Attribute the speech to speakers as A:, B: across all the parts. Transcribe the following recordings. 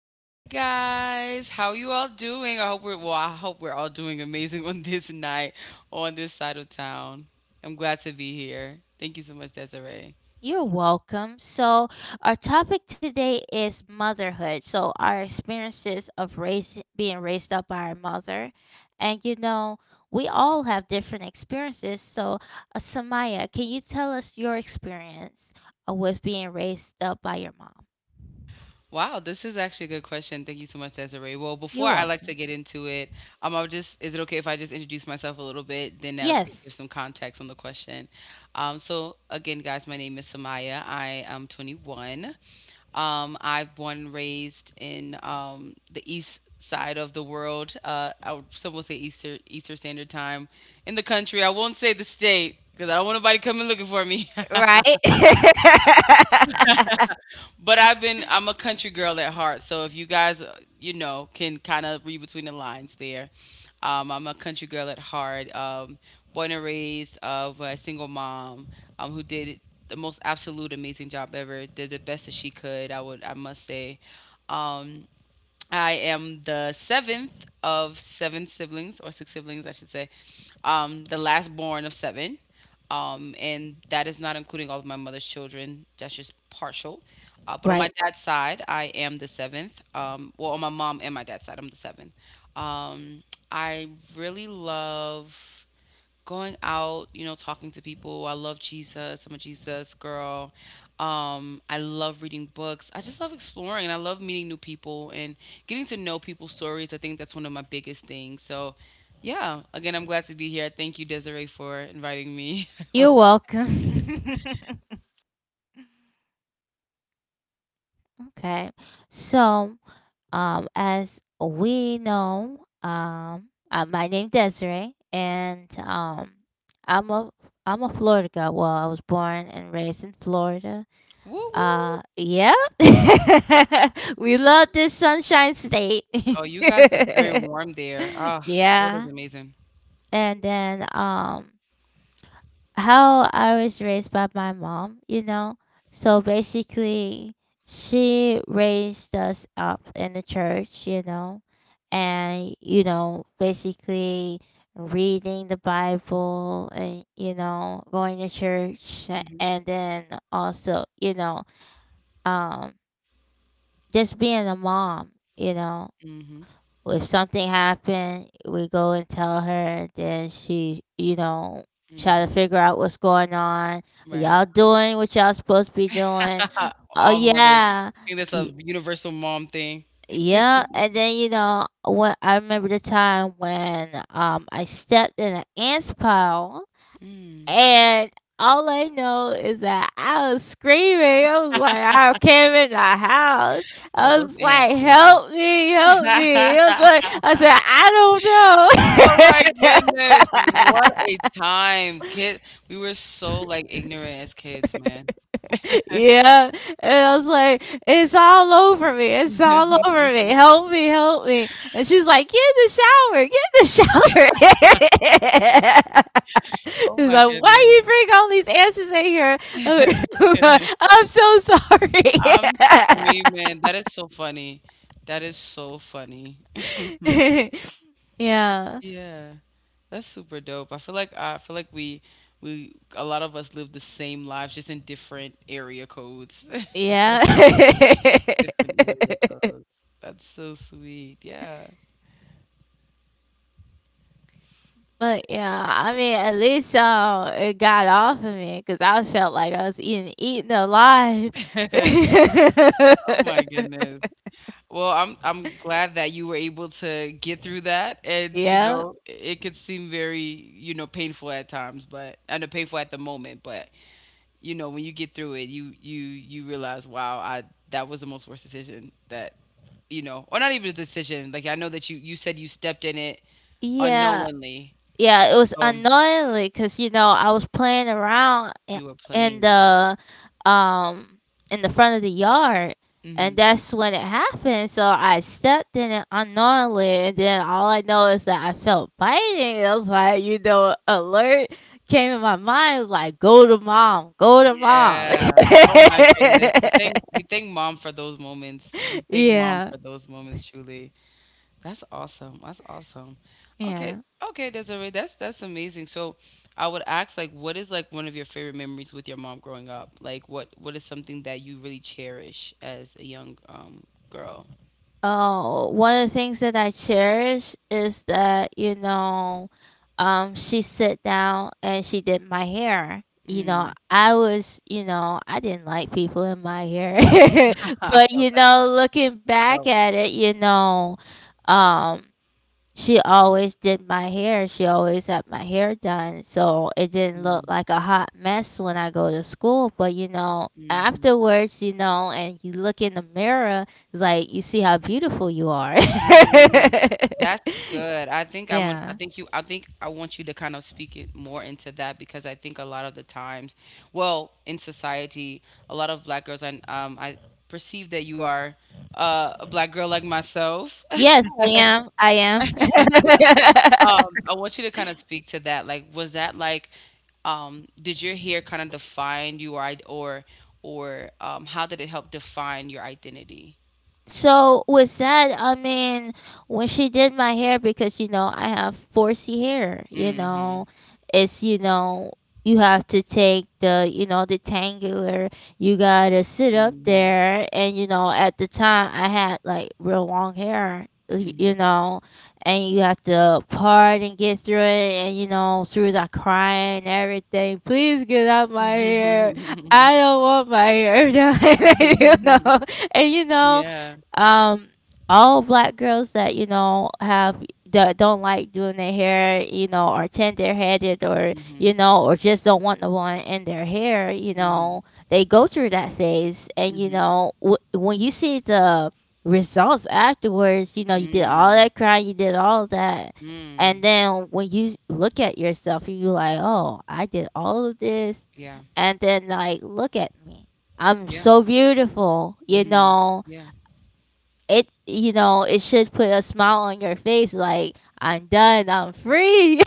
A: Hi guys, how you all doing? I hope we're well. I hope we're all doing amazing on this night on this side of town. I'm glad to be here. Thank you so much, Desiree.
B: You're welcome. So, our topic today is motherhood. So, our experiences of being raised up by our mother. And, you know, we all have different experiences. So, Samaya, can you tell us your experience with being raised up by your mom?
A: Wow, this is actually a good question. Thank you so much, Desiree. Well,
B: You're
A: before I like to
B: welcome.
A: get into it, I'll just is it okay if I just introduce myself a little bit, then give
B: Yes.
A: some context on the question. So again, guys, my name is Samaya. I am 21. I've born raised in the east side of the world. I would some will say Easter Eastern Standard Time in the country. I won't say the state because I don't want nobody coming looking for me.
B: Right?
A: but I've been I'm a country girl at heart. So if you guys you know, can kind of read between the lines there, I'm a country girl at heart. Born and raised of a single mom who did the most absolute amazing job ever. Did the best that she could. I must say. Um, I am the seventh of seven siblings, or six siblings, I should say. The last born of seven. And that is not including all of my mother's children. That's just partial. But on my
B: Right.
A: dad's side, I am the seventh. Well, on my mom and my dad's side, I'm the seventh. Um, I really love going out, you know, talking to people. I love Jesus. I'm a Jesus girl. I love reading books. I just love exploring, and I love meeting new people and getting to know people's stories. I think that's one of my biggest things. So, yeah, again, I'm glad to be here. Thank you, Desiree, for inviting me.
B: You're welcome. Okay. So, as we know, my name Desiree, and I'm a I'm a Florida girl. Well, I was born and raised in Florida.
A: Woo woo.
B: Yeah, we love this Sunshine State.
A: Oh, you guys are very warm there. Ah,
B: Yeah,
A: Florida's amazing.
B: and then how I was raised by my mom, you know. So basically, she raised us up in the church, you know, and you know, basically reading the Bible and you know, going to church
A: Mhm.
B: and then also, you know, um just being a mom, you know,
A: Mhm.
B: if something happened, we go and tell her. Then she, you know, try
A: Mhm.
B: to figure out what's going on. Are
A: Right.
B: y'all doing what y'all supposed to be doing? Oh
A: All mothers.
B: yeah,
A: I think that's
B: Y-
A: a universal mom thing.
B: yeah. And then you know, when I remember the time when I stepped in an ants pile
A: Mm.
B: and all I know is that I was screaming. I was like, I came in the house.
A: Oh,
B: I
A: those
B: was
A: ants,
B: like,
A: man.
B: help me, help me. I was like, I said,
A: Oh
B: I
A: my goodness, what
B: don't
A: a
B: know.
A: time. Kid, we were so, like, ignorant as kids, man.
B: Yeah. And I was like, it's all over me. It's all over me. Help me, help me. And she's like, get in the shower, get in the shower.
A: Oh
B: He's
A: my
B: like, why
A: goodness.
B: you bring all these answers in here? I'm so sorry.
A: I'm screaming. That is so funny. That is so funny.
B: Yeah.
A: Yeah, that's super dope. I feel like we a lot of us live the same lives just in different area codes.
B: Yeah.
A: Different area codes. That's so sweet. Yeah.
B: But yeah, I mean, at least it got off of me because I felt like I was eaten alive.
A: Oh my goodness. Well, I'm glad that you were able to get through that, and you
B: Yeah.
A: know, it could seem very, you know, painful at times, but and know painful at the moment, but you know, when you get through it, you realize, wow, I that was the most worst decision that, you know, or not even a decision. Like, I know that you said you stepped in it
B: Yeah.
A: unknowingly,
B: Yeah, it was
A: so
B: unknowingly because you know, I was playing around I
A: you were
B: in
A: playing.
B: the, um in the front of the yard, and
A: Hmm.
B: that's when it happened, so I stepped in it unknowingly, and then all I know is that I felt biting, I was like, you know, alert came in my mind, it was like, "Go to mom, go to mom."
A: Yeah. Oh my goodness. We thank mom for those moments. We thank mom
B: Yeah,
A: for those moments truly. That's awesome. That's awesome. Okay.
B: yeah.
A: Okay, Desiree, that's amazing. So, I would ask, like, what is like one of your favorite memories with your mom growing up? Like, what is something that you really cherish as a young girl?
B: Oh, one of the things that I cherish is that, you know, she sat down and she did my hair. You know,
A: Mm.
B: I was, you know, I didn't like people in my hair.
A: I
B: But,
A: felt
B: you
A: that.
B: know, looking back
A: Felt.
B: at it, you know, um, she always did my hair. She always had my hair done. So it didn't look like a hot mess when I go to school. But, you know,
A: Mm.
B: afterwards, you know, and you look in the mirror, it's like you see how beautiful you are.
A: Mm, that's good.
B: Yeah.
A: I think I want you to kind of speak it more into that, because I think a lot of the times, well, in society, a lot of black girls, and I perceive that you are a black girl like myself.
B: Yes, I am. I am.
A: I want you to kind of speak to that. Like, was that like, did your hair kind of define you, or or how did it help define your identity?
B: So with that, I mean, when she did my hair, because you know I have 4C hair, you know,
A: Mm-hmm.
B: it's you know you have to take the you know the tangular. You gotta sit up
A: Mm-hmm.
B: there, and you know at the time I had like real long hair, you know, and you have to part and get through it, and you know through the crying and everything. Please get out my hair.
A: Mm-hmm.
B: I don't want my hair down, you
A: Mhm.
B: know, and you know
A: Yeah.
B: um all black girls that you know have that don't like doing their hair you know or tender headed or
A: Mhm.
B: you know or just don't want the one in their hair you
A: Mhm.
B: know they go through that phase and you
A: Mhm.
B: know when you see the results afterwards you know you did all
A: Mm.
B: that crying you did all that
A: Mm.
B: and then when you look at yourself you like oh I did all of this
A: Yeah.
B: and then like look at me I'm
A: Yeah.
B: so beautiful
A: Mm. Yeah.
B: you know it should put a smile on your face like I'm done I'm free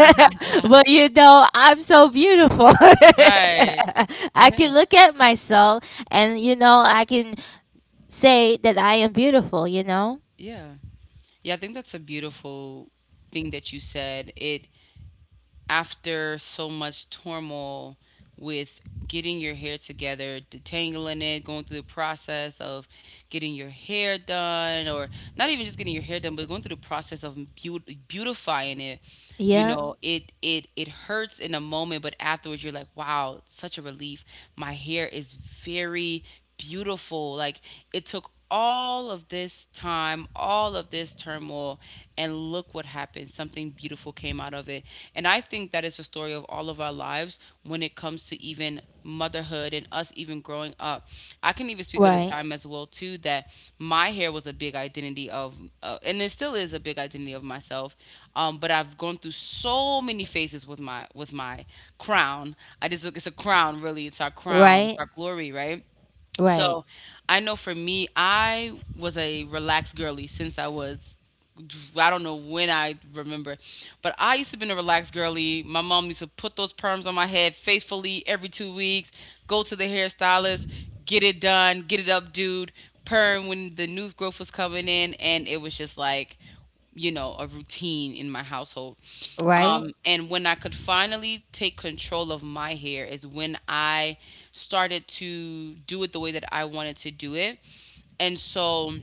B: but you know I'm so beautiful
A: Right.
B: I
A: Yeah.
B: can
A: Yeah.
B: look at myself and you know I can say that I am beautiful you know
A: Yeah. I think that's a beautiful thing that you said. It, after so much turmoil with getting your hair together, detangling it, going through the process of getting your hair done, or not even just getting your hair done, but going through the process of beautifying it. You
B: yeah
A: know, it hurts in a moment, but afterwards you're like, wow, such a relief. My hair is very beautiful. Like, it took all of this time, all of this turmoil, and look what happened. Something beautiful came out of it. And I think that it's a story of all of our lives when it comes to even motherhood and us even growing up. I can even speak of the
B: right
A: time as well too that my hair was a big identity of, and it still is a big identity of myself. But I've gone through so many phases with my crown. I just it's a crown really. It's our crown,
B: right
A: it's our glory, right?
B: right
A: So I know for me, I was a relaxed girly since I was. I don't know when I remember, but I used to be a relaxed girly. My mom used to put those perms on my head faithfully every 2 weeks, go to the hairstylist, get it done, get it up, dude, perm when the new growth was coming in. And it was just like, you know, a routine in my household.
B: right.
A: And when I could finally take control of my hair is when I started to do it the way that I wanted to do it. And so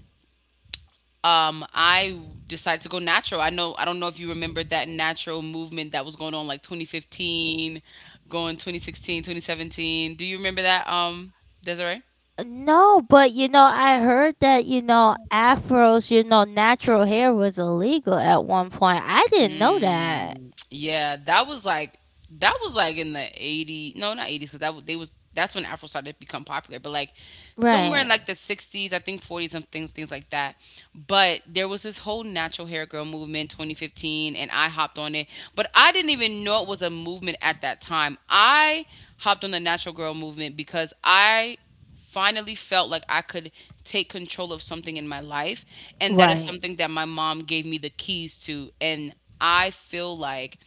A: I decided to go natural. I know, I don't know if you remember that natural movement that was going on like 2015, going 2016, 2017. Do you remember that, Desiree?
B: No but you know I heard that you know afros you know natural hair was illegal at one point I didn't know that
A: Mm, yeah, that was like in the 80, no, not 80s, because that was they was that's when Afro started to become popular, but like somewhere in,
B: right
A: yeah, like the 60s, I think 40s and things like that. But there was this whole natural hair girl movement 2015 and I hopped on it, but I didn't even know it was a movement at that time. I hopped on the natural girl movement because I finally felt like I could take control of something in my life. And that is
B: right.
A: something that my mom gave me the keys to. And I feel like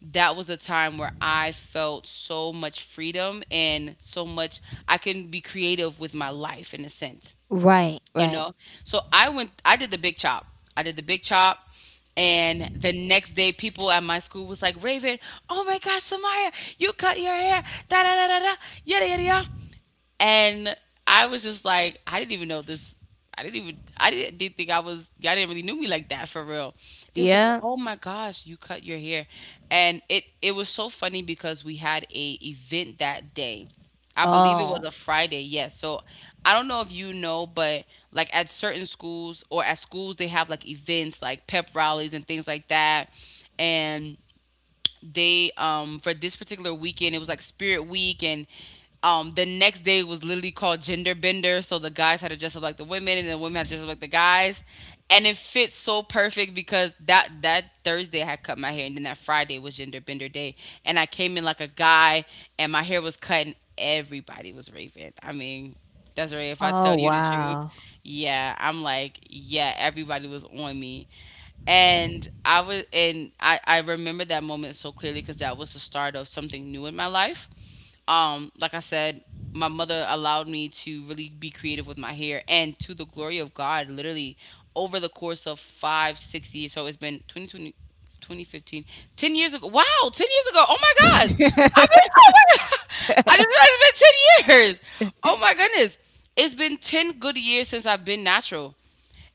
A: that was a time where I felt so much freedom and so much I can be creative with my life in a sense,
B: Right,
A: you
B: right.
A: know? So I did the big chop. I did the big chop. And the next day, people at my school was like, Raven, oh my gosh, Samaya, you cut your hair, da da da da da, yada yada yada. And I was just like, I didn't even know this. I didn't even. I didn't think I was. Y'all didn't really knew me like that for real. They was like, yeah,
B: Yeah.
A: oh my gosh, you cut your hair, and it was so funny because we had a event that day. I believe it was
B: Oh.
A: a Friday, yes. So I don't know if you know, but like at certain schools, they have like events like pep rallies and things like that. And they, for this particular weekend, it was like Spirit Week. And the next day was literally called gender bender. So the guys had to dress up like the women, and the women had to dress up like the guys. And it fits so perfect because that Thursday I had cut my hair, and then that Friday was gender bender day, and I came in like a guy, and my hair was cut, and everybody was raving. I mean, Desiree, if I
B: Oh
A: tell you the truth,
B: wow.
A: yeah, I'm like, yeah, everybody was on me. And I was and I remember that moment so clearly, because that was the start of something new in my life. Like I said, my mother allowed me to really be creative with my hair, and to the glory of God, literally, over the course of five, 6 years. So it's been 20, 2015, 10 years ago. Wow, 10 years ago. Oh my gosh. I mean, oh my God. I just realized it's been 10 years. Oh my goodness. It's been 10 good years since I've been natural,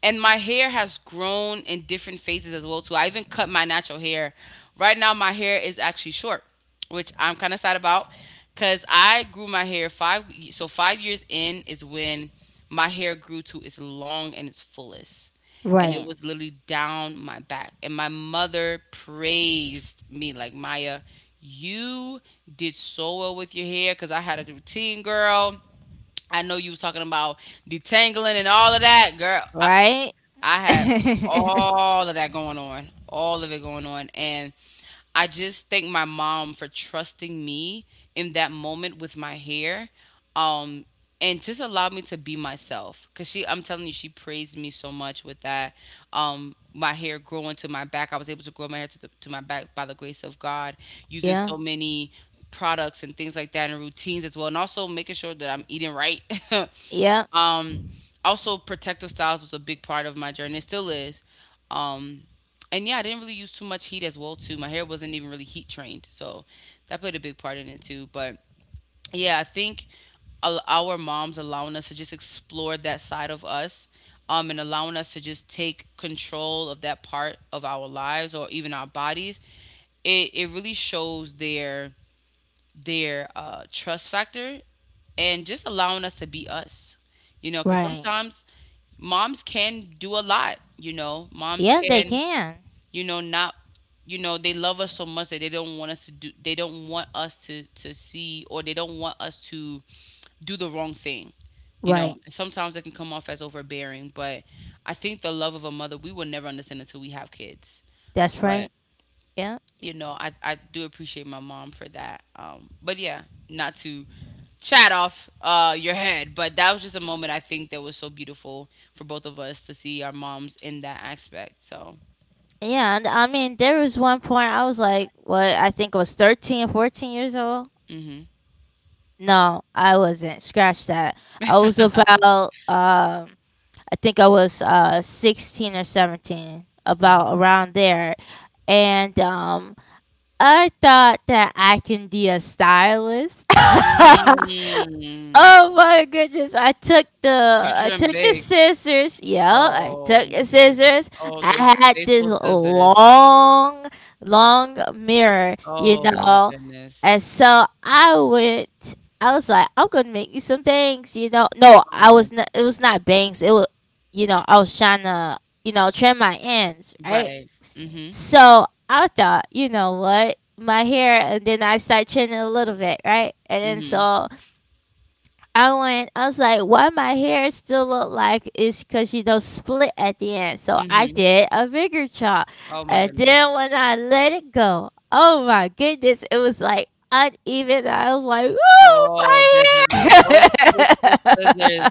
A: and my hair has grown in different phases as well too. I even cut my natural hair. Right now my hair is actually short, which I'm kind of sad about, cuz I grew my hair 5, so 5 years in is when my hair grew to its long and its fullest. And it
B: Right.
A: was literally down my back. And my mother praised me like, Maya, you did so well with your hair, because I had a routine, girl. I know you was talking about detangling and all of that, girl. I,
B: Right?
A: I had all of that going on, all of it going on. And I just thank my mom for trusting me in that moment with my hair. Um, and just allowed me to be myself. Cause she, I'm telling you, she praised me so much with that. My hair growing to my back, I was able to grow my hair to my back by the grace of God, using
B: Yeah.
A: so many products and things like that and routines as well and also making sure that I'm eating right.
B: Yeah.
A: Um, also, protective styles was a big part of my journey. It still is. Um, and yeah, I didn't really use too much heat as well too. My hair wasn't even really heat trained, so that played a big part in it too. But yeah, I think our moms allowing us to just explore that side of us, and allowing us to just take control of that part of our lives or even our bodies. It really shows their trust factor and just allowing us to be us, because
B: Right.
A: sometimes moms can do a lot, you know. Moms
B: Yeah, they
A: can,
B: can.
A: not they love us so much that they don't want us to see, or they don't want us to do the wrong thing. You
B: Right.
A: know, sometimes it can come off as overbearing, but I think the love of a mother we will never understand until we have kids.
B: That's
A: But
B: right. Yeah.
A: you know, I do appreciate my mom for that. But yeah, not to chat off your head. But that was just a moment I think that was so beautiful for both of us to see our moms in that aspect. So,
B: Yeah. And I mean, there was one point I was like, what? I think I was 13, 14 years old.
A: mm-hmm.
B: No, I wasn't. Scratch that. I was about, I think I was 16 or 17,
A: hmm
B: about around there. And I thought that I can be a stylist.
A: Mm.
B: Oh my goodness! I took the
A: You
B: I
A: dream
B: took the
A: big.
B: scissors. Yeah, I
A: Oh
B: took
A: my
B: the
A: goodness.
B: scissors.
A: Oh, those
B: I had this
A: faithful scissors.
B: long mirror, you
A: Oh my
B: know, and
A: goodness.
B: so I went. I was like, I'm gonna make you some bangs, you know. No, I
A: Oh,
B: was not. It was not bangs. It was, you know, I was trying to, you know, trim my ends, right?
A: right. Mm
B: So I thought, you know what? My hair, and then I started thinning a little bit, right? And
A: Mhm. Mm
B: then
A: Mhm.
B: so I went, I was like, why my hair still look like it's because you know split at the end. So
A: Mm
B: I
A: Mhm.
B: did a bigger chop.
A: Oh my
B: And
A: goodness.
B: then when I let it go, oh my goodness, it was like uneven. I was like,
A: Oh,
B: oh my
A: Desiree, those faithful
B: hair.
A: scissors.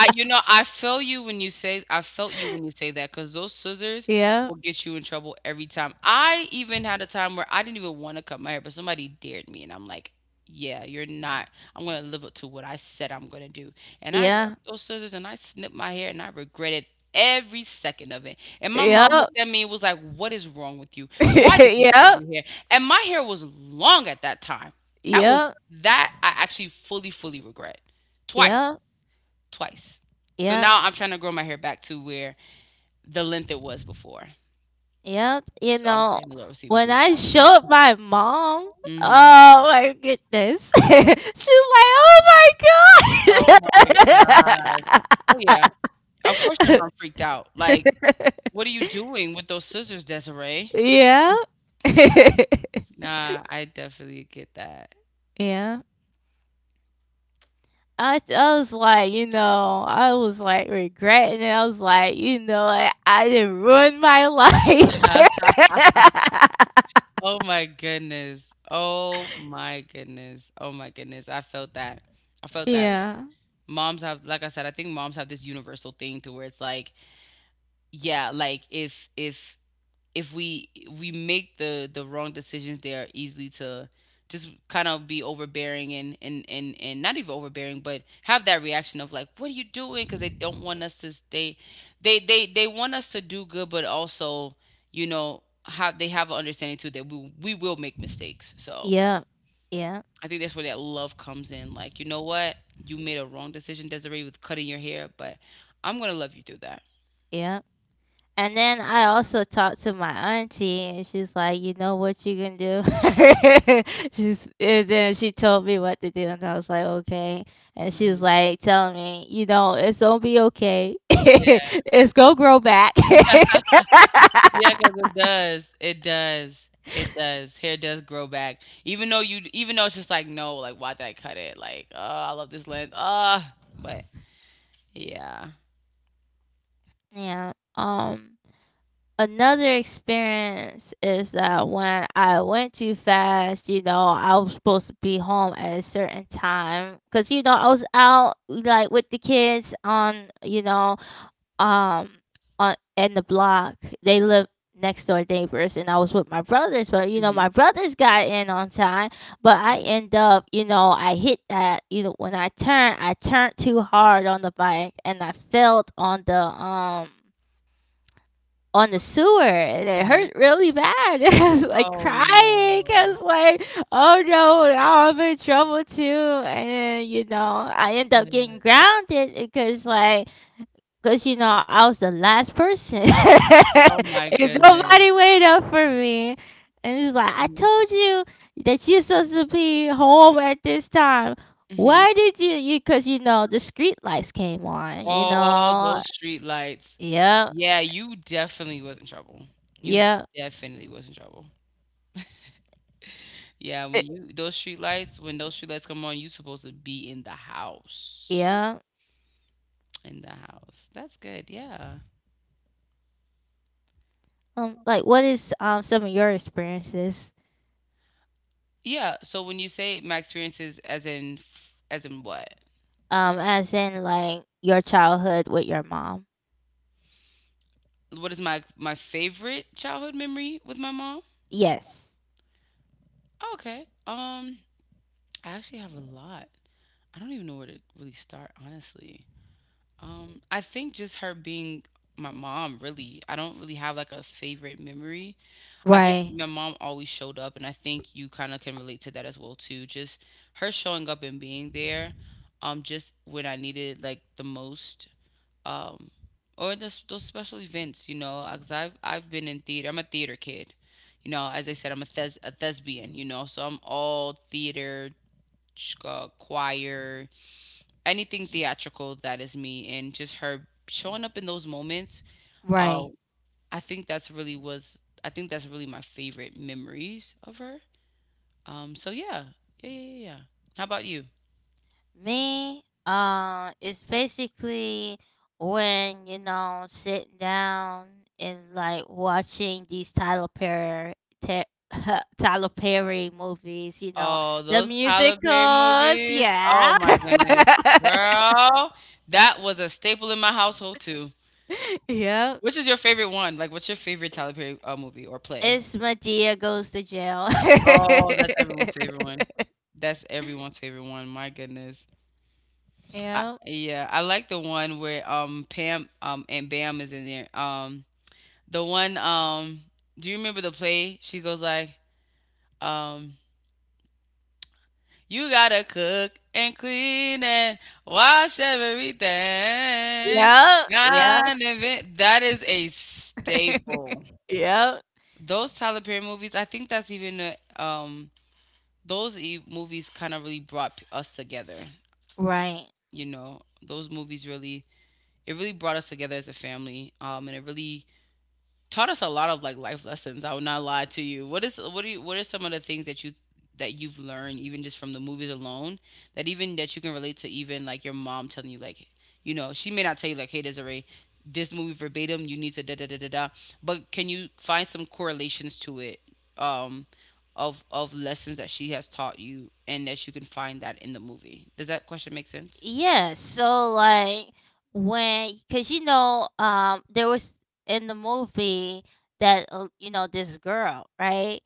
A: you know, I feel you when you say I felt you when you say that, because those scissors
B: Yeah,
A: will get you in trouble every time. I even had a time where I didn't even wanna cut my hair, but somebody dared me, and I'm like, "Yeah, you're not I'm gonna live up to what I said I'm gonna do." And I Yeah.
B: yeah,
A: took those scissors and I snipped my hair, and I regretted every second of it. And my Yeah. mom
B: yep,
A: looked at me and was like, "What is wrong with you? Why did you cut
B: yep,
A: your hair?" And my hair was long at that time. That was
B: yep,
A: Yeah. that I actually fully, fully regret. Twice
B: yep,
A: twice. So
B: yep.
A: now I'm trying to grow my hair back to where the length it was before.
B: Yep, you
A: So I'm
B: know,
A: praying the Lord will see me
B: when
A: through
B: I
A: that.
B: showed my mom,
A: Mhm.
B: oh my goodness, she was like, "Oh
A: Oh my gosh. Oh
B: my
A: yeah. Of course your mom freaked out. Like, what are you
B: gosh!"
A: doing with those scissors, Desiree?
B: Yeah,
A: Nah, I definitely get that.
B: yeah. I was like, you know, I was like regretting it. I was like, you know, I didn't ruin my life.
A: Oh my goodness. Oh my goodness. Oh my goodness. I felt that. I felt that.
B: Yeah,
A: Moms have, like I said, I think moms have this universal thing to where it's like, yeah, like if we we make the wrong decisions, they are easily to just kind of be overbearing and not even overbearing, but have that reaction of like, what are you doing, because they don't want us to stay, they want us to do good, but also you know, have, they have an understanding too that we will make mistakes. So
B: yeah, yeah,
A: I think that's where that love comes in. Like, you know what, you made a wrong decision, Desiree, with cutting your hair, but I'm gonna love you through that.
B: yeah. And then I also talked to my auntie, and she's like, "You know what you can do?" She's And then she told me what to do, and I was like, "Okay." And she was
A: Mhm.
B: like telling me, "You know, it's gonna be okay. It's gonna grow back."
A: Yeah, cause it does. It does. It does. Hair does grow back. Even though it's just like, "No, like, why did I cut it?" Like, "Oh, I love this length. Ah, but yeah."
B: Yeah. Another experience is that when I went too fast, you know, I was supposed to be home at a certain time because you know I was out like with the kids on, you know, um on in the block. They live next door neighbors and I was with my brothers, but you know,
A: Mhm.
B: my brothers got in on time, but I
A: Mhm.
B: end up, you know, I hit that, you know, I turned too hard on the bike and I felt on the sewer and it hurt
A: Mhm.
B: really bad. I was like
A: Oh,
B: crying. I
A: no.
B: was like, oh no, now I'm in trouble too. And you know, I end up getting
A: Yeah.
B: grounded because you know, I was the last person.
A: Oh my
B: And
A: goodness.
B: nobody waited up for me. And she's like, I
A: Mhm.
B: told you that you're supposed to be home at this time.
A: Mhm.
B: Why did you? You Because, you know, the street lights came on, you
A: Oh,
B: know?
A: those streetlights.
B: Yeah,
A: Yeah, you definitely was in trouble. You
B: yeah,
A: definitely was in trouble. Yeah, when
B: It,
A: you those streetlights when those streetlights come on, you supposed to be in the house.
B: yeah.
A: In the house. That's good. Yeah.
B: Like, what is some of your experiences?
A: Yeah. So when you say my experiences, as in what?
B: As in, like, your childhood with your mom?
A: What is my favorite childhood memory with my mom?
B: Yes.
A: Oh, okay. I actually have a lot. I don't even know where to really start, honestly. I think just her being my mom, really. I don't really have like a favorite memory. I think
B: Right,
A: my mom always showed up, and I think you kind of can relate to that as well too. Just her showing up and being there, just when I needed it, like the most, um, or those special events, you know, because I've been in theater. I'm a theater kid, you know. As I said, I'm a thespian, you know, so I'm all theater, choir, anything theatrical, that is me, and just her showing up in those moments. uh.
B: right.
A: I think that's really was I think that's really my favorite memories of her. So yeah, yeah. How about you?
B: Me, it's basically when you know sitting down and like watching these te- Tyler Perry movies. You know
A: Oh,
B: the
A: those Tyler Perry
B: musicals.
A: movies. Oh
B: Yeah,
A: my goodness, girl, that was a staple in my household too.
B: yep.
A: Which is your favorite one? Like, what's your favorite Tyler Perry movie or play?
B: It's Medea goes to jail.
A: Oh, that's everyone's favorite one. That's everyone's favorite one. My goodness.
B: Yep,
A: Yeah, I like the one where Pam and Bam is in there. The one, do you remember the play? She goes like, um, you gotta cook and clean and wash everything.
B: yep, yep,
A: That is a staple.
B: yep.
A: Those Tyler Perry movies, I think that's even a, movies kind of really us together.
B: Right.
A: You know, those movies really, it really brought us together as a family. And it really taught us a lot of like life lessons. I will not lie to you. What is what do you What are some of the things that you've learned even just from the movies alone, that even that you can relate to, even like your mom telling you, like, you know, she may not tell you like, hey Desiree, this movie verbatim, you need to da da da da da, but can you find some correlations to it? Um, of lessons that she has taught you and that you can find that in the movie. Does that question make sense?
B: Yeah, so like when cuz you know there was in the movie that you know this girl, right?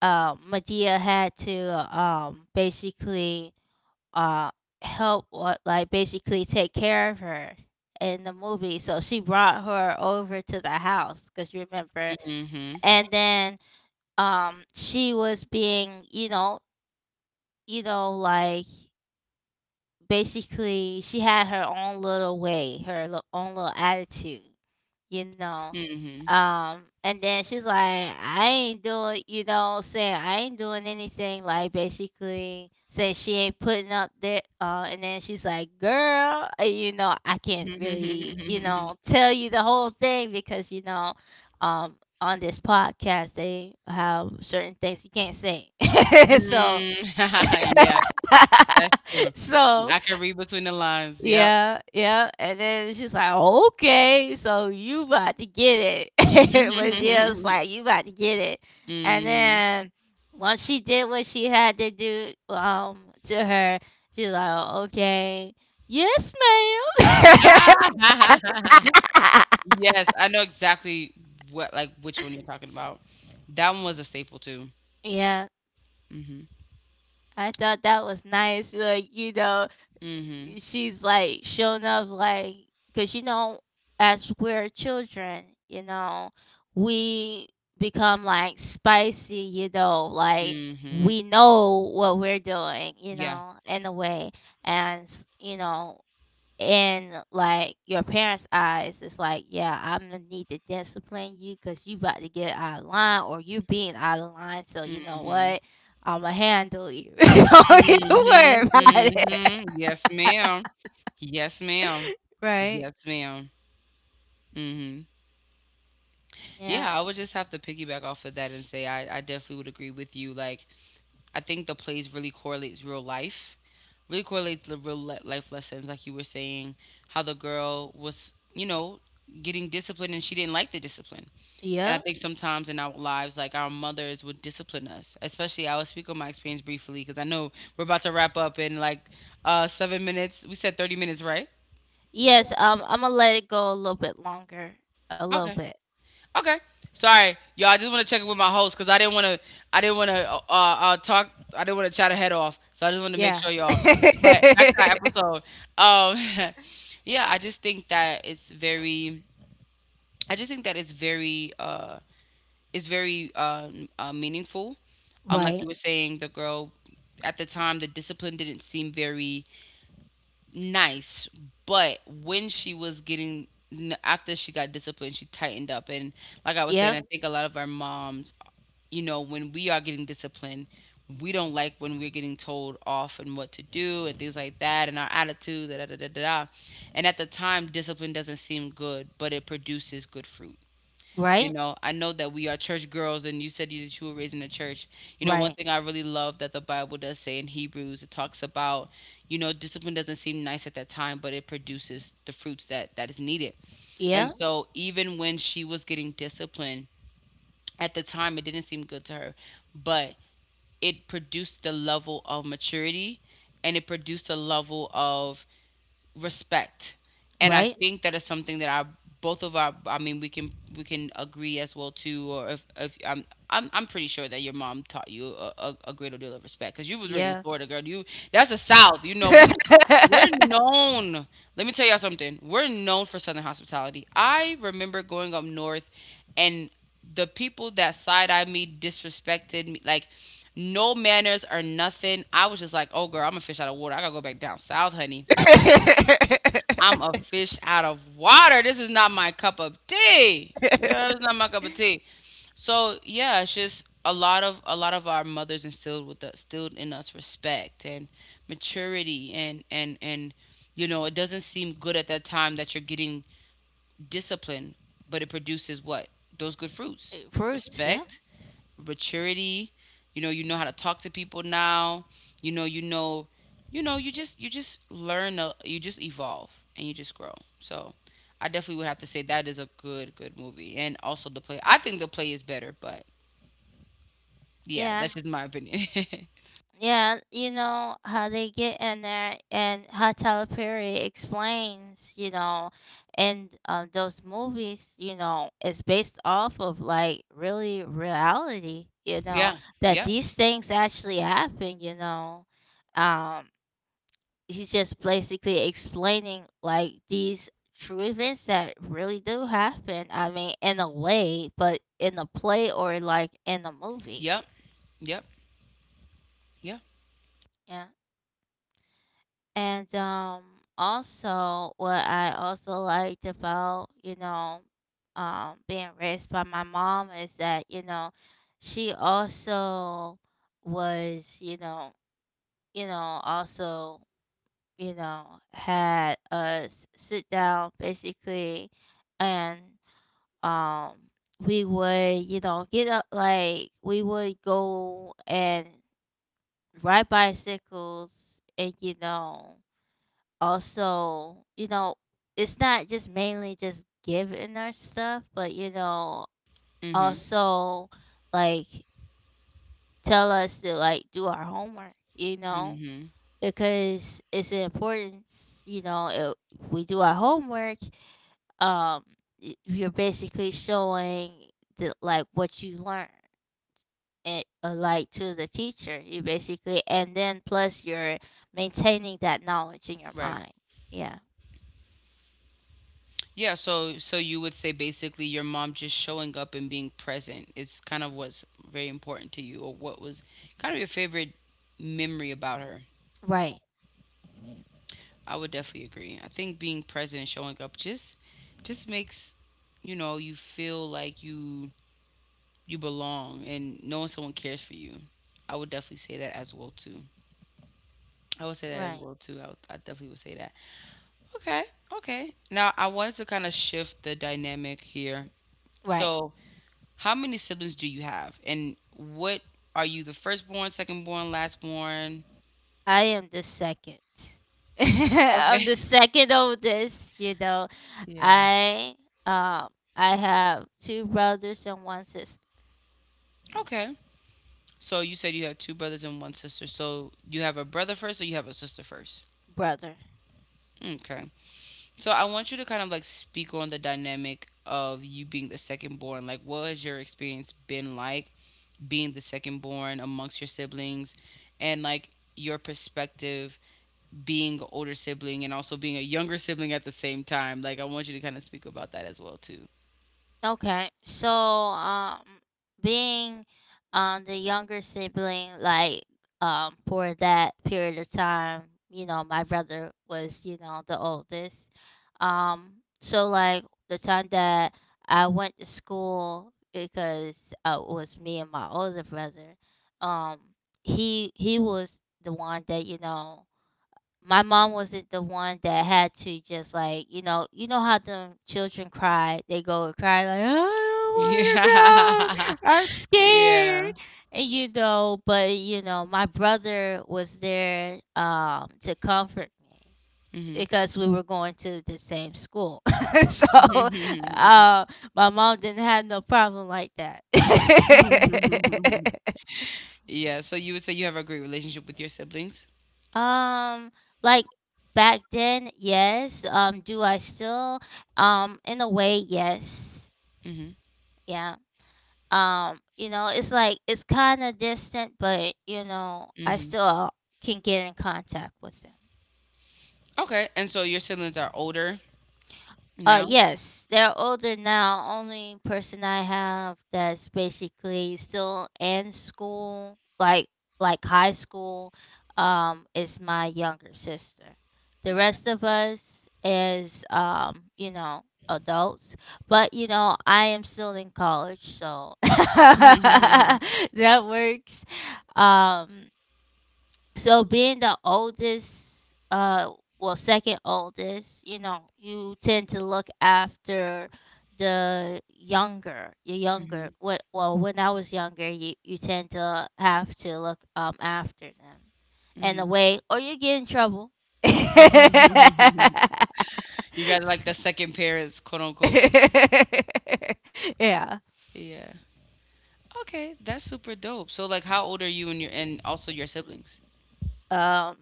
B: Um, Medea had to basically uh help what like basically take care of her in the movie. So she brought her over to the house cuz you remember.
A: Mm-hmm.
B: And then she was being, you know like basically she had her own little way, her own little attitude, you know.
A: Mm-hmm.
B: And then she's like, I ain't doing, you know, saying I ain't doing anything. Like basically saying she ain't putting up there. And then she's like, girl, you know, I can't really, you know, tell you the whole thing because you know, um, on this podcast they have certain things you can't say. So,
A: Mm. Yeah, that's true.
B: so
A: I can read between the lines, yep.
B: yeah, yeah, and then she's like, "Okay, so you about to get it," but she was like, "You about to get it," and
A: Mm.
B: then once she did what she had to do, to her, she's like, "Okay, yes, ma'am."
A: Yes, I know exactly what like, which one you're talking about. That one was a staple too.
B: Yeah,
A: Mhm.
B: I thought that was nice, like,
A: Mhm.
B: she's like showing up like because as we're children, we become like spicy, like
A: Mhm.
B: we know what we're doing,
A: Yeah.
B: in a way. And in like your parents eyes it's like, yeah, I'm gonna need to discipline you because you about to get out of line or you being out of line, so you know
A: Mhm.
B: what, I'ma handle you. Don't even worry
A: Mhm.
B: about it.
A: Mhm. Yes, ma'am. Yes, ma'am.
B: Right.
A: Yes, ma'am. Mhm.
B: Yeah.
A: Yeah, I would just have to piggyback off of that and say I definitely would agree with you. Like, I think the plays really correlates real life, really correlates the life lessons, like you were saying, how the girl was, you know, getting disciplined and she didn't like the discipline. And I
B: Yep.
A: think sometimes in our lives, like our mothers would discipline us. Especially, I will speak on my experience briefly because I know we're about to wrap up in like 7 minutes. We said 30 minutes, right?
B: Yes, I'm gonna let it go a little bit longer. A little
A: Okay.
B: bit.
A: Okay. Sorry, y'all. I just want to check in with my host because I didn't want to. I didn't want to talk. I didn't want to chat her head off. So I just wanted to make
B: Yeah.
A: sure y'all. But back to our episode. Um, yeah. I just think that it's very. It's very meaningful. Like
B: Right.
A: you were saying, the girl at the time, the discipline didn't seem very nice, but when she was after she got disciplined, she tightened up. And like I was saying,
B: Yep.
A: I think a lot of our moms, you know, when we are getting disciplined, we don't like when we're getting told off and what to do and things like that and our attitudes, da da da da da. And at the time, discipline doesn't seem good, but it produces good fruit. You
B: Right.
A: know, I know that we are church girls, and you said that you were raised in a church. You know, one
B: Right.
A: thing I really love that the Bible does say in Hebrews, it talks about, you know, discipline doesn't seem nice at that time, but it produces the fruits that is needed. And
B: Yeah.
A: so, even when she was getting disciplined, at the time it didn't seem good to her, but it produced the level of maturity, and it produced a level of respect. And I
B: Right.
A: think that is something that our both of our— I mean, we can agree as well too. Or if I'm, I'm pretty sure that your mom taught you a greater deal of respect because you was raised in
B: Yeah.
A: Florida, girl. You— that's the south. You know, we we're known. Let me tell y'all something, we're known for southern hospitality. I remember going up north, and the people that side eyed me, disrespected me, like no manners or nothing. I was just like, oh girl, I'm a fish out of water. I gotta go back down south, honey. I'm a fish out of water. This is not my cup of tea. Yeah, it's not my cup of tea. So yeah, it's just a lot of our mothers instilled in us respect and maturity, and you know, it doesn't seem good at that time that you're getting discipline, but it produces what— those good fruits,
B: Fruits, yeah.
A: respect, maturity. You know how to talk to people now. You know, you know, you just learn, you just evolve and you just grow. So, I definitely would have to say that is a good movie. And also the play. I think the play is better, but yeah,
B: Yeah.
A: that's just my opinion.
B: Yeah, you know how they get in there and how Tyler Perry explains, and those movies, is based off of like really reality,
A: Yeah.
B: that
A: Yep.
B: these things actually happen. Um, he's just basically explaining like these true events that really do happen. I mean, in a way, but in a play or like in a movie.
A: Yep. Yep. Yeah.
B: Yeah. And also what I also liked about, being raised by my mom is that, she also was, also, you know, had us sit down basically. And um we would, get up, like we would go and ride bicycles. And also, it's not just mainly just giving our stuff, but
A: Mhm.
B: also like tell us to like do our homework,
A: Mhm.
B: because it's important, you know, if we do our homework, um, you're basically showing the, like, what you learn. It, like, to the teacher you basically, and then plus you're maintaining that knowledge in your
A: Right.
B: mind. Yeah.
A: Yeah, so you would say basically your mom just showing up and being present is kind of what's very important to you, or what was kind of your favorite memory about her.
B: Right.
A: I would definitely agree. I think being present and showing up just makes you feel like you belong and knowing someone cares for you. I would definitely say that as well too. I would say that as
B: Right.
A: well too. I definitely would say that. Okay, okay. Now I wanted to kind of shift the dynamic here.
B: Right.
A: So, how many siblings do you have? And what— are you the firstborn, secondborn, lastborn?
B: I am the second. I'm
A: Okay.
B: the second oldest, you know.
A: Yeah.
B: I um I have two brothers and one sister.
A: Okay. So you said you had two brothers and one sister. So you have a brother first, or you have a sister first?
B: Brother.
A: Okay. So I want you to kind of like speak on the dynamic of you being the second born. Like, what has your experience been like being the second born amongst your siblings, and like your perspective being an older sibling and also being a younger sibling at the same time? Like, I want you to kind of speak about that as well too.
B: Okay, so being the younger sibling, like, for that period of time, you know, my brother was, you know, the oldest. Um, so like the time that I went to school, because it was me and my older brother. Um, he was the one that, you know, my mom wasn't the one that had to just like, you know, you know how them children cry, they go and cry like, I don't want
A: Yeah.
B: to go, I'm
A: Yeah.
B: scared. And you know, but you know, my brother was there to comfort me
A: Mhm.
B: because we were going to the same school. So uh my mom didn't have no problem like that.
A: Yeah, so you would say you have a great relationship with your siblings?
B: Um, like, back then, yes. Do I still? In a way, yes.
A: Mhm.
B: Yeah. You know, it's like it's kind of distant, but you know, I
A: Mhm.
B: still can get in contact with them.
A: Okay, and so your siblings are older now?
B: Yes, they're older now. Only person I have that's basically still in school, like high school, is my younger sister. The rest of us is, you know, adults. But you know, I am still in college, so that works. Um, so being the oldest, well, second oldest, you know, you tend to look after the younger, the
A: Mhm.
B: younger.
A: Mhm.
B: What, well, when I was younger, you tend to have to look after them, in a way, or you get in trouble. S-
A: You guys like the second parents, quote unquote.
B: yeah.
A: Yeah. Okay, that's super dope. So, like, how old are you and your— and also your siblings?
B: Um,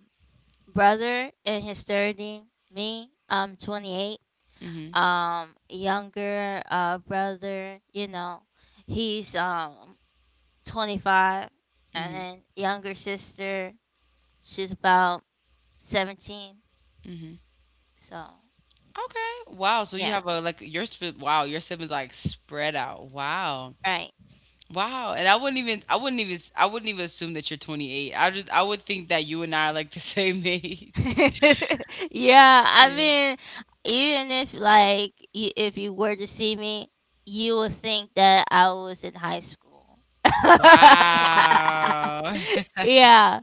B: brother in his 30, me. I'm 28.
A: Mhm.
B: Younger brother, you know, he's 25. And
A: Mhm.
B: then younger sister, she's about 17.
A: Mhm.
B: So
A: Okay. Wow. So you
B: yeah.
A: have a— like your sib-— wow, your siblings like spread out. Wow.
B: Right.
A: Wow. And I wouldn't even— I wouldn't even assume that you're 28. I would think that you and I are like the same age.
B: Yeah, I
A: Yeah.
B: mean, even if like you, if you were to see me, you would think that I was in high school.
A: Wow.
B: Yeah.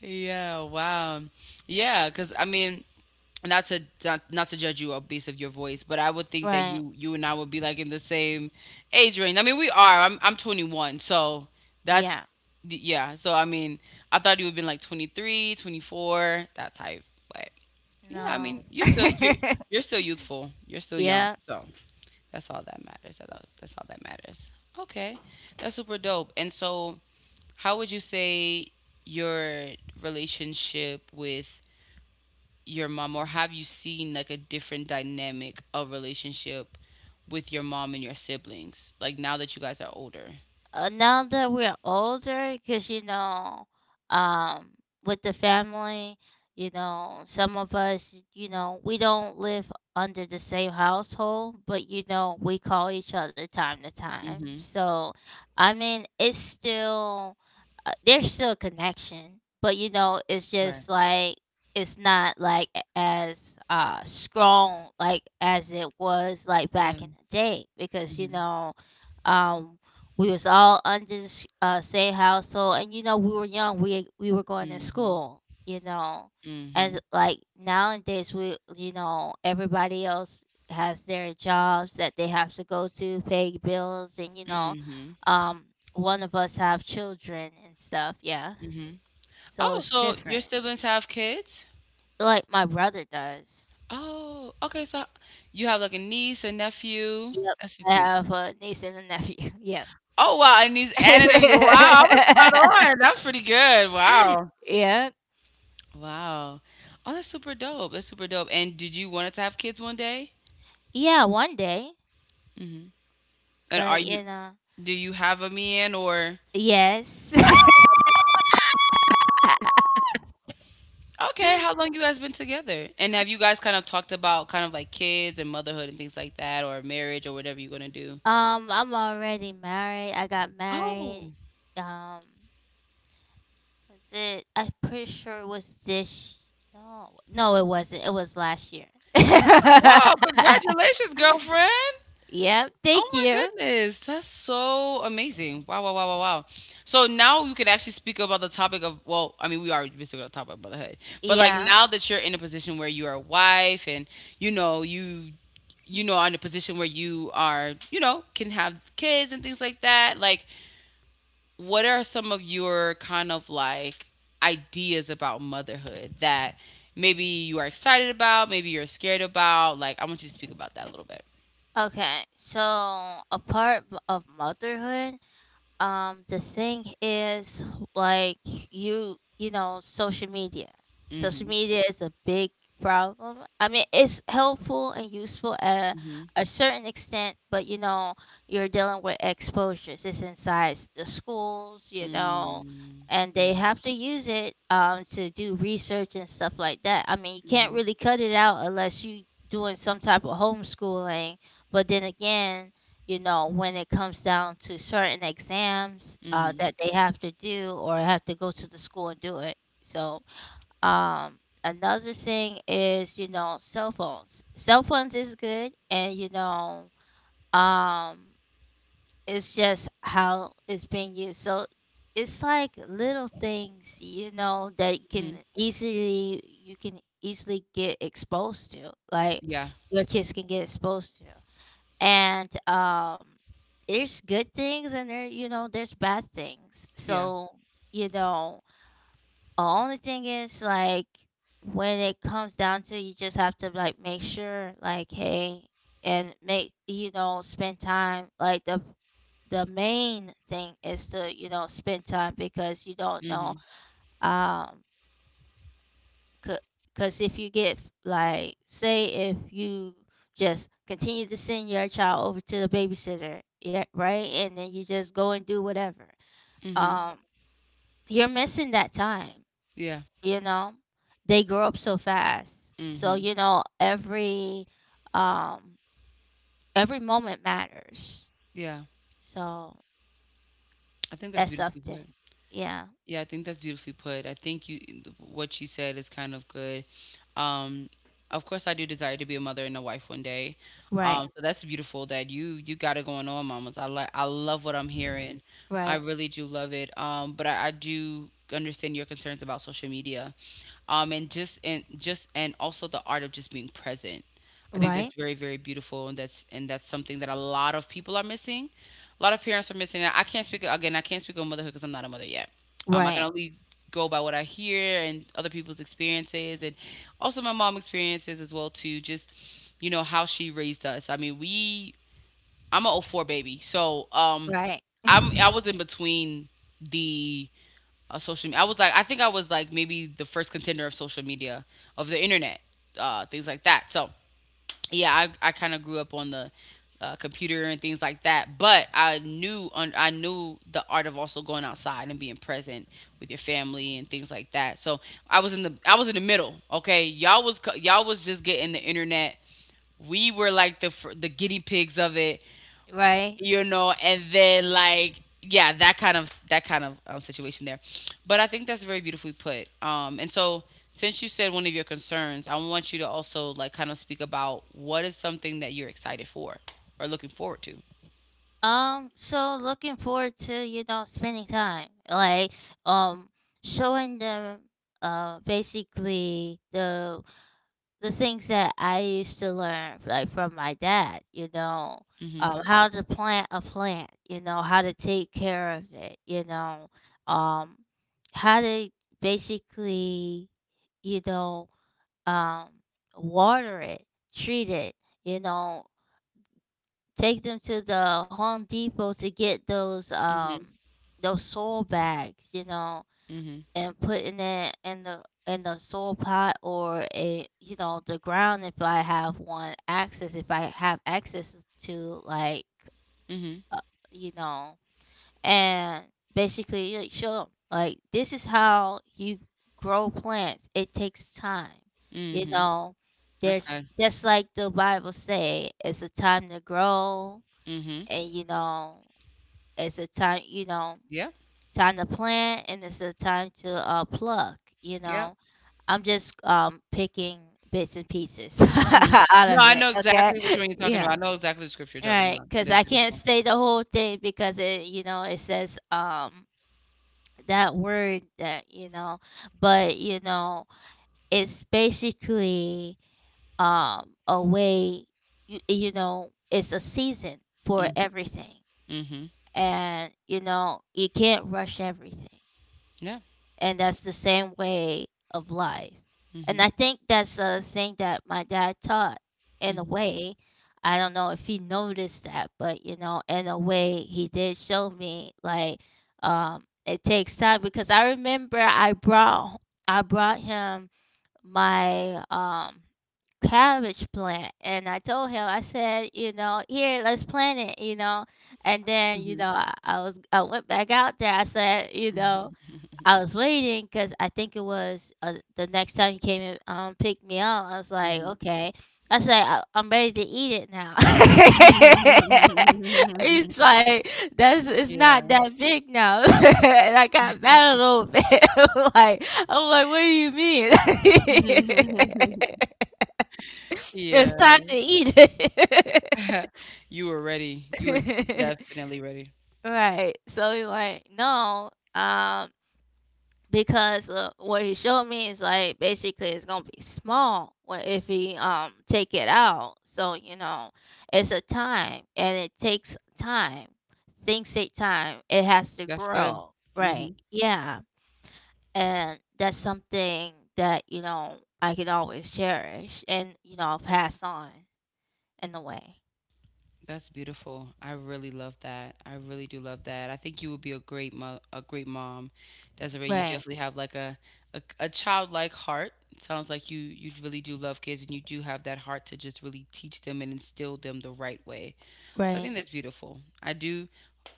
A: Yeah, wow. Yeah, 'cause I mean, not to judge you based of your voice, but I would think that
B: Right.
A: you and I would be like in the same age range. I mean, we are. I'm 21, so that's—
B: Yeah.
A: yeah. So I mean, I thought you would have been like 23, 24, that type. But yeah, I
B: No.
A: mean, you still— you're— you're still youthful. You're still young.
B: Yeah.
A: So that's all that matters. That's all that matters. Okay, that's super dope. And so, how would you say your relationship with your mom, or have you seen like a different dynamic of relationship with your mom and your siblings, like now that you guys are older?
B: Now that we're older, because you know, um, with the family, you know, some of us, you know, we don't live under the same household, but you know, we call each other time to time.
A: Mm-hmm.
B: So, I mean, it's still there's still a connection, but you know, it's
A: Right.
B: just like it's not like as strong like as it was like
A: Yeah.
B: back in the day, because you
A: Mm-hmm.
B: know. um. We was all under the same household, and you know we were young. We were going to
A: Mm-hmm.
B: school, you know,
A: Mm-hmm.
B: and like nowadays, we, you know, everybody else has their jobs that they have to go to, pay bills, and you know,
A: Mm-hmm.
B: um, one of us have children and stuff. Yeah,
A: Mm-hmm.
B: so
A: Oh,
B: it's
A: so your
B: different.
A: siblings have kids?
B: Like my brother does.
A: Oh, okay, so you have like a niece, a nephew?
B: Yep,
A: That's so
B: I
A: cute.
B: have a niece and a nephew. Yep.
A: Oh wow, a niece and a nephew. Wow, I was spot on, that's pretty good. Wow.
B: yeah.
A: Wow. Oh, that's super dope. That's super dope. And did you want it to have kids one day?
B: Yeah, one day.
A: Mm-hmm. And are
B: The
A: you—
B: you know.
A: do you have a man, or—
B: Yes.
A: okay, how long you guys been together? And have you guys kind of talked about kind of like kids and motherhood and things like that, or marriage or whatever you're gonna do?
B: I'm already married. I got married,
A: Oh,
B: um was it, I'm pretty sure it was this, no no it wasn't, it was last year.
A: con-— wow, congratulations, girlfriend.
B: Yep,
A: Oh
B: thank
A: my
B: you.
A: goodness. That's so amazing. Wow, wow, wow, wow, wow. So now you can actually speak about the topic of— well, I mean, we already been speaking about the topic of motherhood. But like
B: Yeah.
A: now that you're in a position where you are a wife, and you know, you you know, are in a position where you are, can have kids and things like that. Like, what are some of your kind of like ideas about motherhood that maybe you are excited about, maybe you're scared about? Like, I want you to speak about that a little bit.
B: Okay, so of motherhood, the thing is, like, you know, social media, social
A: Mm-hmm.
B: media is a big problem. I mean, it's helpful and useful at
A: Mm-hmm.
B: a certain extent, but you know, you're dealing with exposures. It's inside the schools, you know,
A: Mm.
B: and they
A: Yeah.
B: have to use it to do research and stuff like that. I mean, you can't
A: Mm-hmm.
B: really cut it out unless you doing some type of homeschooling. But then again, you know, when it comes down to certain exams,
A: Mm-hmm.
B: that they have to do or have to go to the school and do it. So, um, another thing is, you know, cell phones. Cell phones is good, and, you know, um, it's just how it's being used. So, it's like little things, you know, that can
A: Hmm.
B: easily, you can easily get exposed to, like,
A: Yeah.
B: your kids can get exposed to. And there's good things and there, you know, there's bad things,
A: Yeah.
B: so, you know, only thing is like, when it comes down to it, you just have to like make sure like, hey, and make, you know, spend time, like the main thing is to, you know, spend time, because you don't know.
A: Mm-hmm.
B: um because if you get, like, say if you just continue to send your child over to the babysitter, yeah, right? And then you just go and do whatever.
A: Mm-hmm.
B: Um, you're missing that time,
A: Yeah.
B: you know? They grow up so fast. So,
A: Mm-hmm.
B: you know, um every moment matters.
A: Yeah.
B: So,
A: I think that's
B: that's
A: beautifully
B: something.
A: put.
B: Yeah.
A: Yeah, I think that's beautifully put. I think you— what you said is kind of good. Um, of course, I do desire to be a mother and a wife one day.
B: Right.
A: So that's beautiful that you got it going on, mamas. I love what I'm hearing. I
B: Right.
A: really do love it. But I do understand your concerns about social media, and just— and also the art of just being present. I think that's
B: Right.
A: very beautiful, and that's— and that's something that a lot of people are missing, a lot of parents are missing. And I can't speak on motherhood because I'm not a mother yet. Um, I can
B: Right.
A: only go by what I hear and other people's experiences, and also my mom experiences as well too. Just, you know, how she raised us. I mean, we— I'm a '04 baby, so
B: Right.
A: I was in between the— social. I was like, I think I was like maybe the first contender of social media, of the internet, things like that. So yeah, I kind of grew up on the computer and things like that. But I knew the art of also going outside and being present with your family and things like that. So I was in the middle. Okay, y'all was just getting the internet. We were like the guinea pigs of it,
B: Right.
A: you know. And then like, yeah, that kind of situation there. But I think that's very beautifully put. And so, since you said one of your concerns, I want you to also like kind of speak about what is something that you're excited for or looking forward to.
B: So looking forward to, you know, spending time. Like, um, showing them basically the things that I used to learn like from my dad, you know.
A: Hmm.
B: How to plant a plant, you know, how to take care of it, you know, um how to basically, you know, um water it, treat it, you know, take them to the Home Depot to get
A: Hmm.
B: those soil bags, you know,
A: Hmm.
B: and putting it in the, in the soil pot, or a, you know, the ground, if I have one access, if I have access to like
A: Hmm.
B: uh, you know, and basically like, show 'em, like, this is how you grow plants. It takes time, you
A: Hmm.
B: know.
A: That's
B: There's,
A: good.
B: just like the Bible say, it's a time to grow,
A: Hmm.
B: and you know it's a time, you know,
A: Yeah.
B: time to plant, and it's a time to pluck, you
A: Yeah.
B: know, I'm just picking bits and pieces
A: Hmm.
B: out
A: No,
B: of
A: I
B: it.
A: know
B: Okay.
A: exactly which one you're talking about.
B: Yeah.
A: I know exactly the scripture you're talking
B: Right,
A: about.
B: because
A: That's
B: I can't
A: beautiful.
B: say the whole thing, because it, you know, it says that word that, you know, but you know, it's basically a way, you know, it's a season for
A: Mm-hmm.
B: everything.
A: Mm-hmm.
B: And you know you can't rush everything,
A: Yeah.
B: and that's the same way of life. And
A: Mhm.
B: I think that's a thing that my dad taught, in a
A: Hmm.
B: way. I don't know if he noticed that, but you know, in a way he did show me like, it takes time. Because I remember I brought, I brought him my cabbage plant, and I told him, I said, you know, here, let's plant it, you know. And then, you
A: Hmm.
B: know, I went back out there. I said, you know, I was waiting because I think it was the next time you came and picked me up. I was like,
A: Hmm.
B: okay. I said, I'm ready to eat it now. He's like, that's, it's not
A: Yeah.
B: that big now. And I got mad a little bit. Like, I'm like, what do you mean? It's
A: Yeah.
B: time to eat it.
A: You were ready. You were definitely ready.
B: Right. So he's like, no. Um, because what he showed me is like, basically it's gonna be small if he take it out. So you know, it's a time, and it takes time. Things take time. It has to
A: That's good.
B: grow,
A: Hmm.
B: right? Yeah, and that's something that you know I can always cherish and you know pass on, in a way.
A: That's beautiful. I really love that. I really do love that. I think you would be a great mo-— a great mom, Desiree. You
B: Right,
A: definitely have like a, a childlike heart. Sounds like you really do love kids, and you do have that heart to just really teach them and instill them the right way. So I
B: right.
A: think that's beautiful. I do.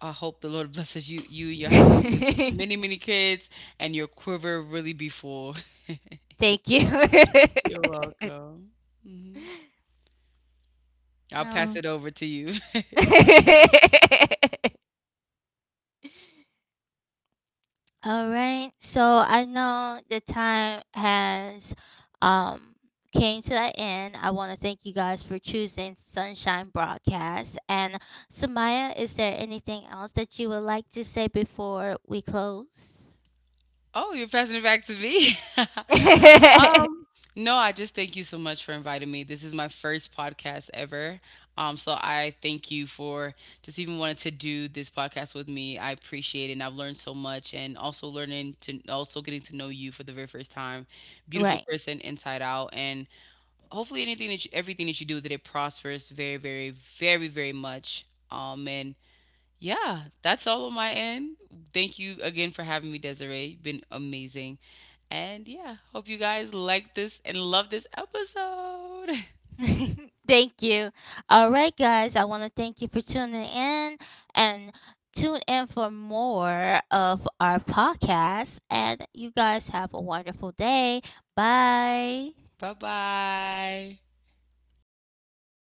A: I hope the Lord blesses you and your husband with many kids, and your quiver really be full.
B: Thank you.
A: You're welcome. Hmm. I'll pass
B: Um.
A: it over to you.
B: All right. So I know the time has um came to the end. I want to thank you guys for choosing Sunshine Broadcast. And Samaya, is there anything else that you would like to say before we close?
A: Oh, you're passing it back to me. Um, no, I just thank you so much for inviting me. This is my first podcast ever. So I thank you for just even wanting to do this podcast with me. I appreciate it, and I've learned so much, and also learning to— also getting to know you for the very first time. Beautiful
B: Right.
A: person inside out, and hopefully anything that you— everything that you do, that it prospers very, very, very, very much. And yeah, that's all on my end. Thank you again for having me, Desiree. You've been amazing. And yeah, hope you guys like this and love this episode.
B: Thank you. All right, guys, I want to thank you for tuning in and tune in for more of our podcast. And you guys have a wonderful day. Bye.
A: Bye, bye.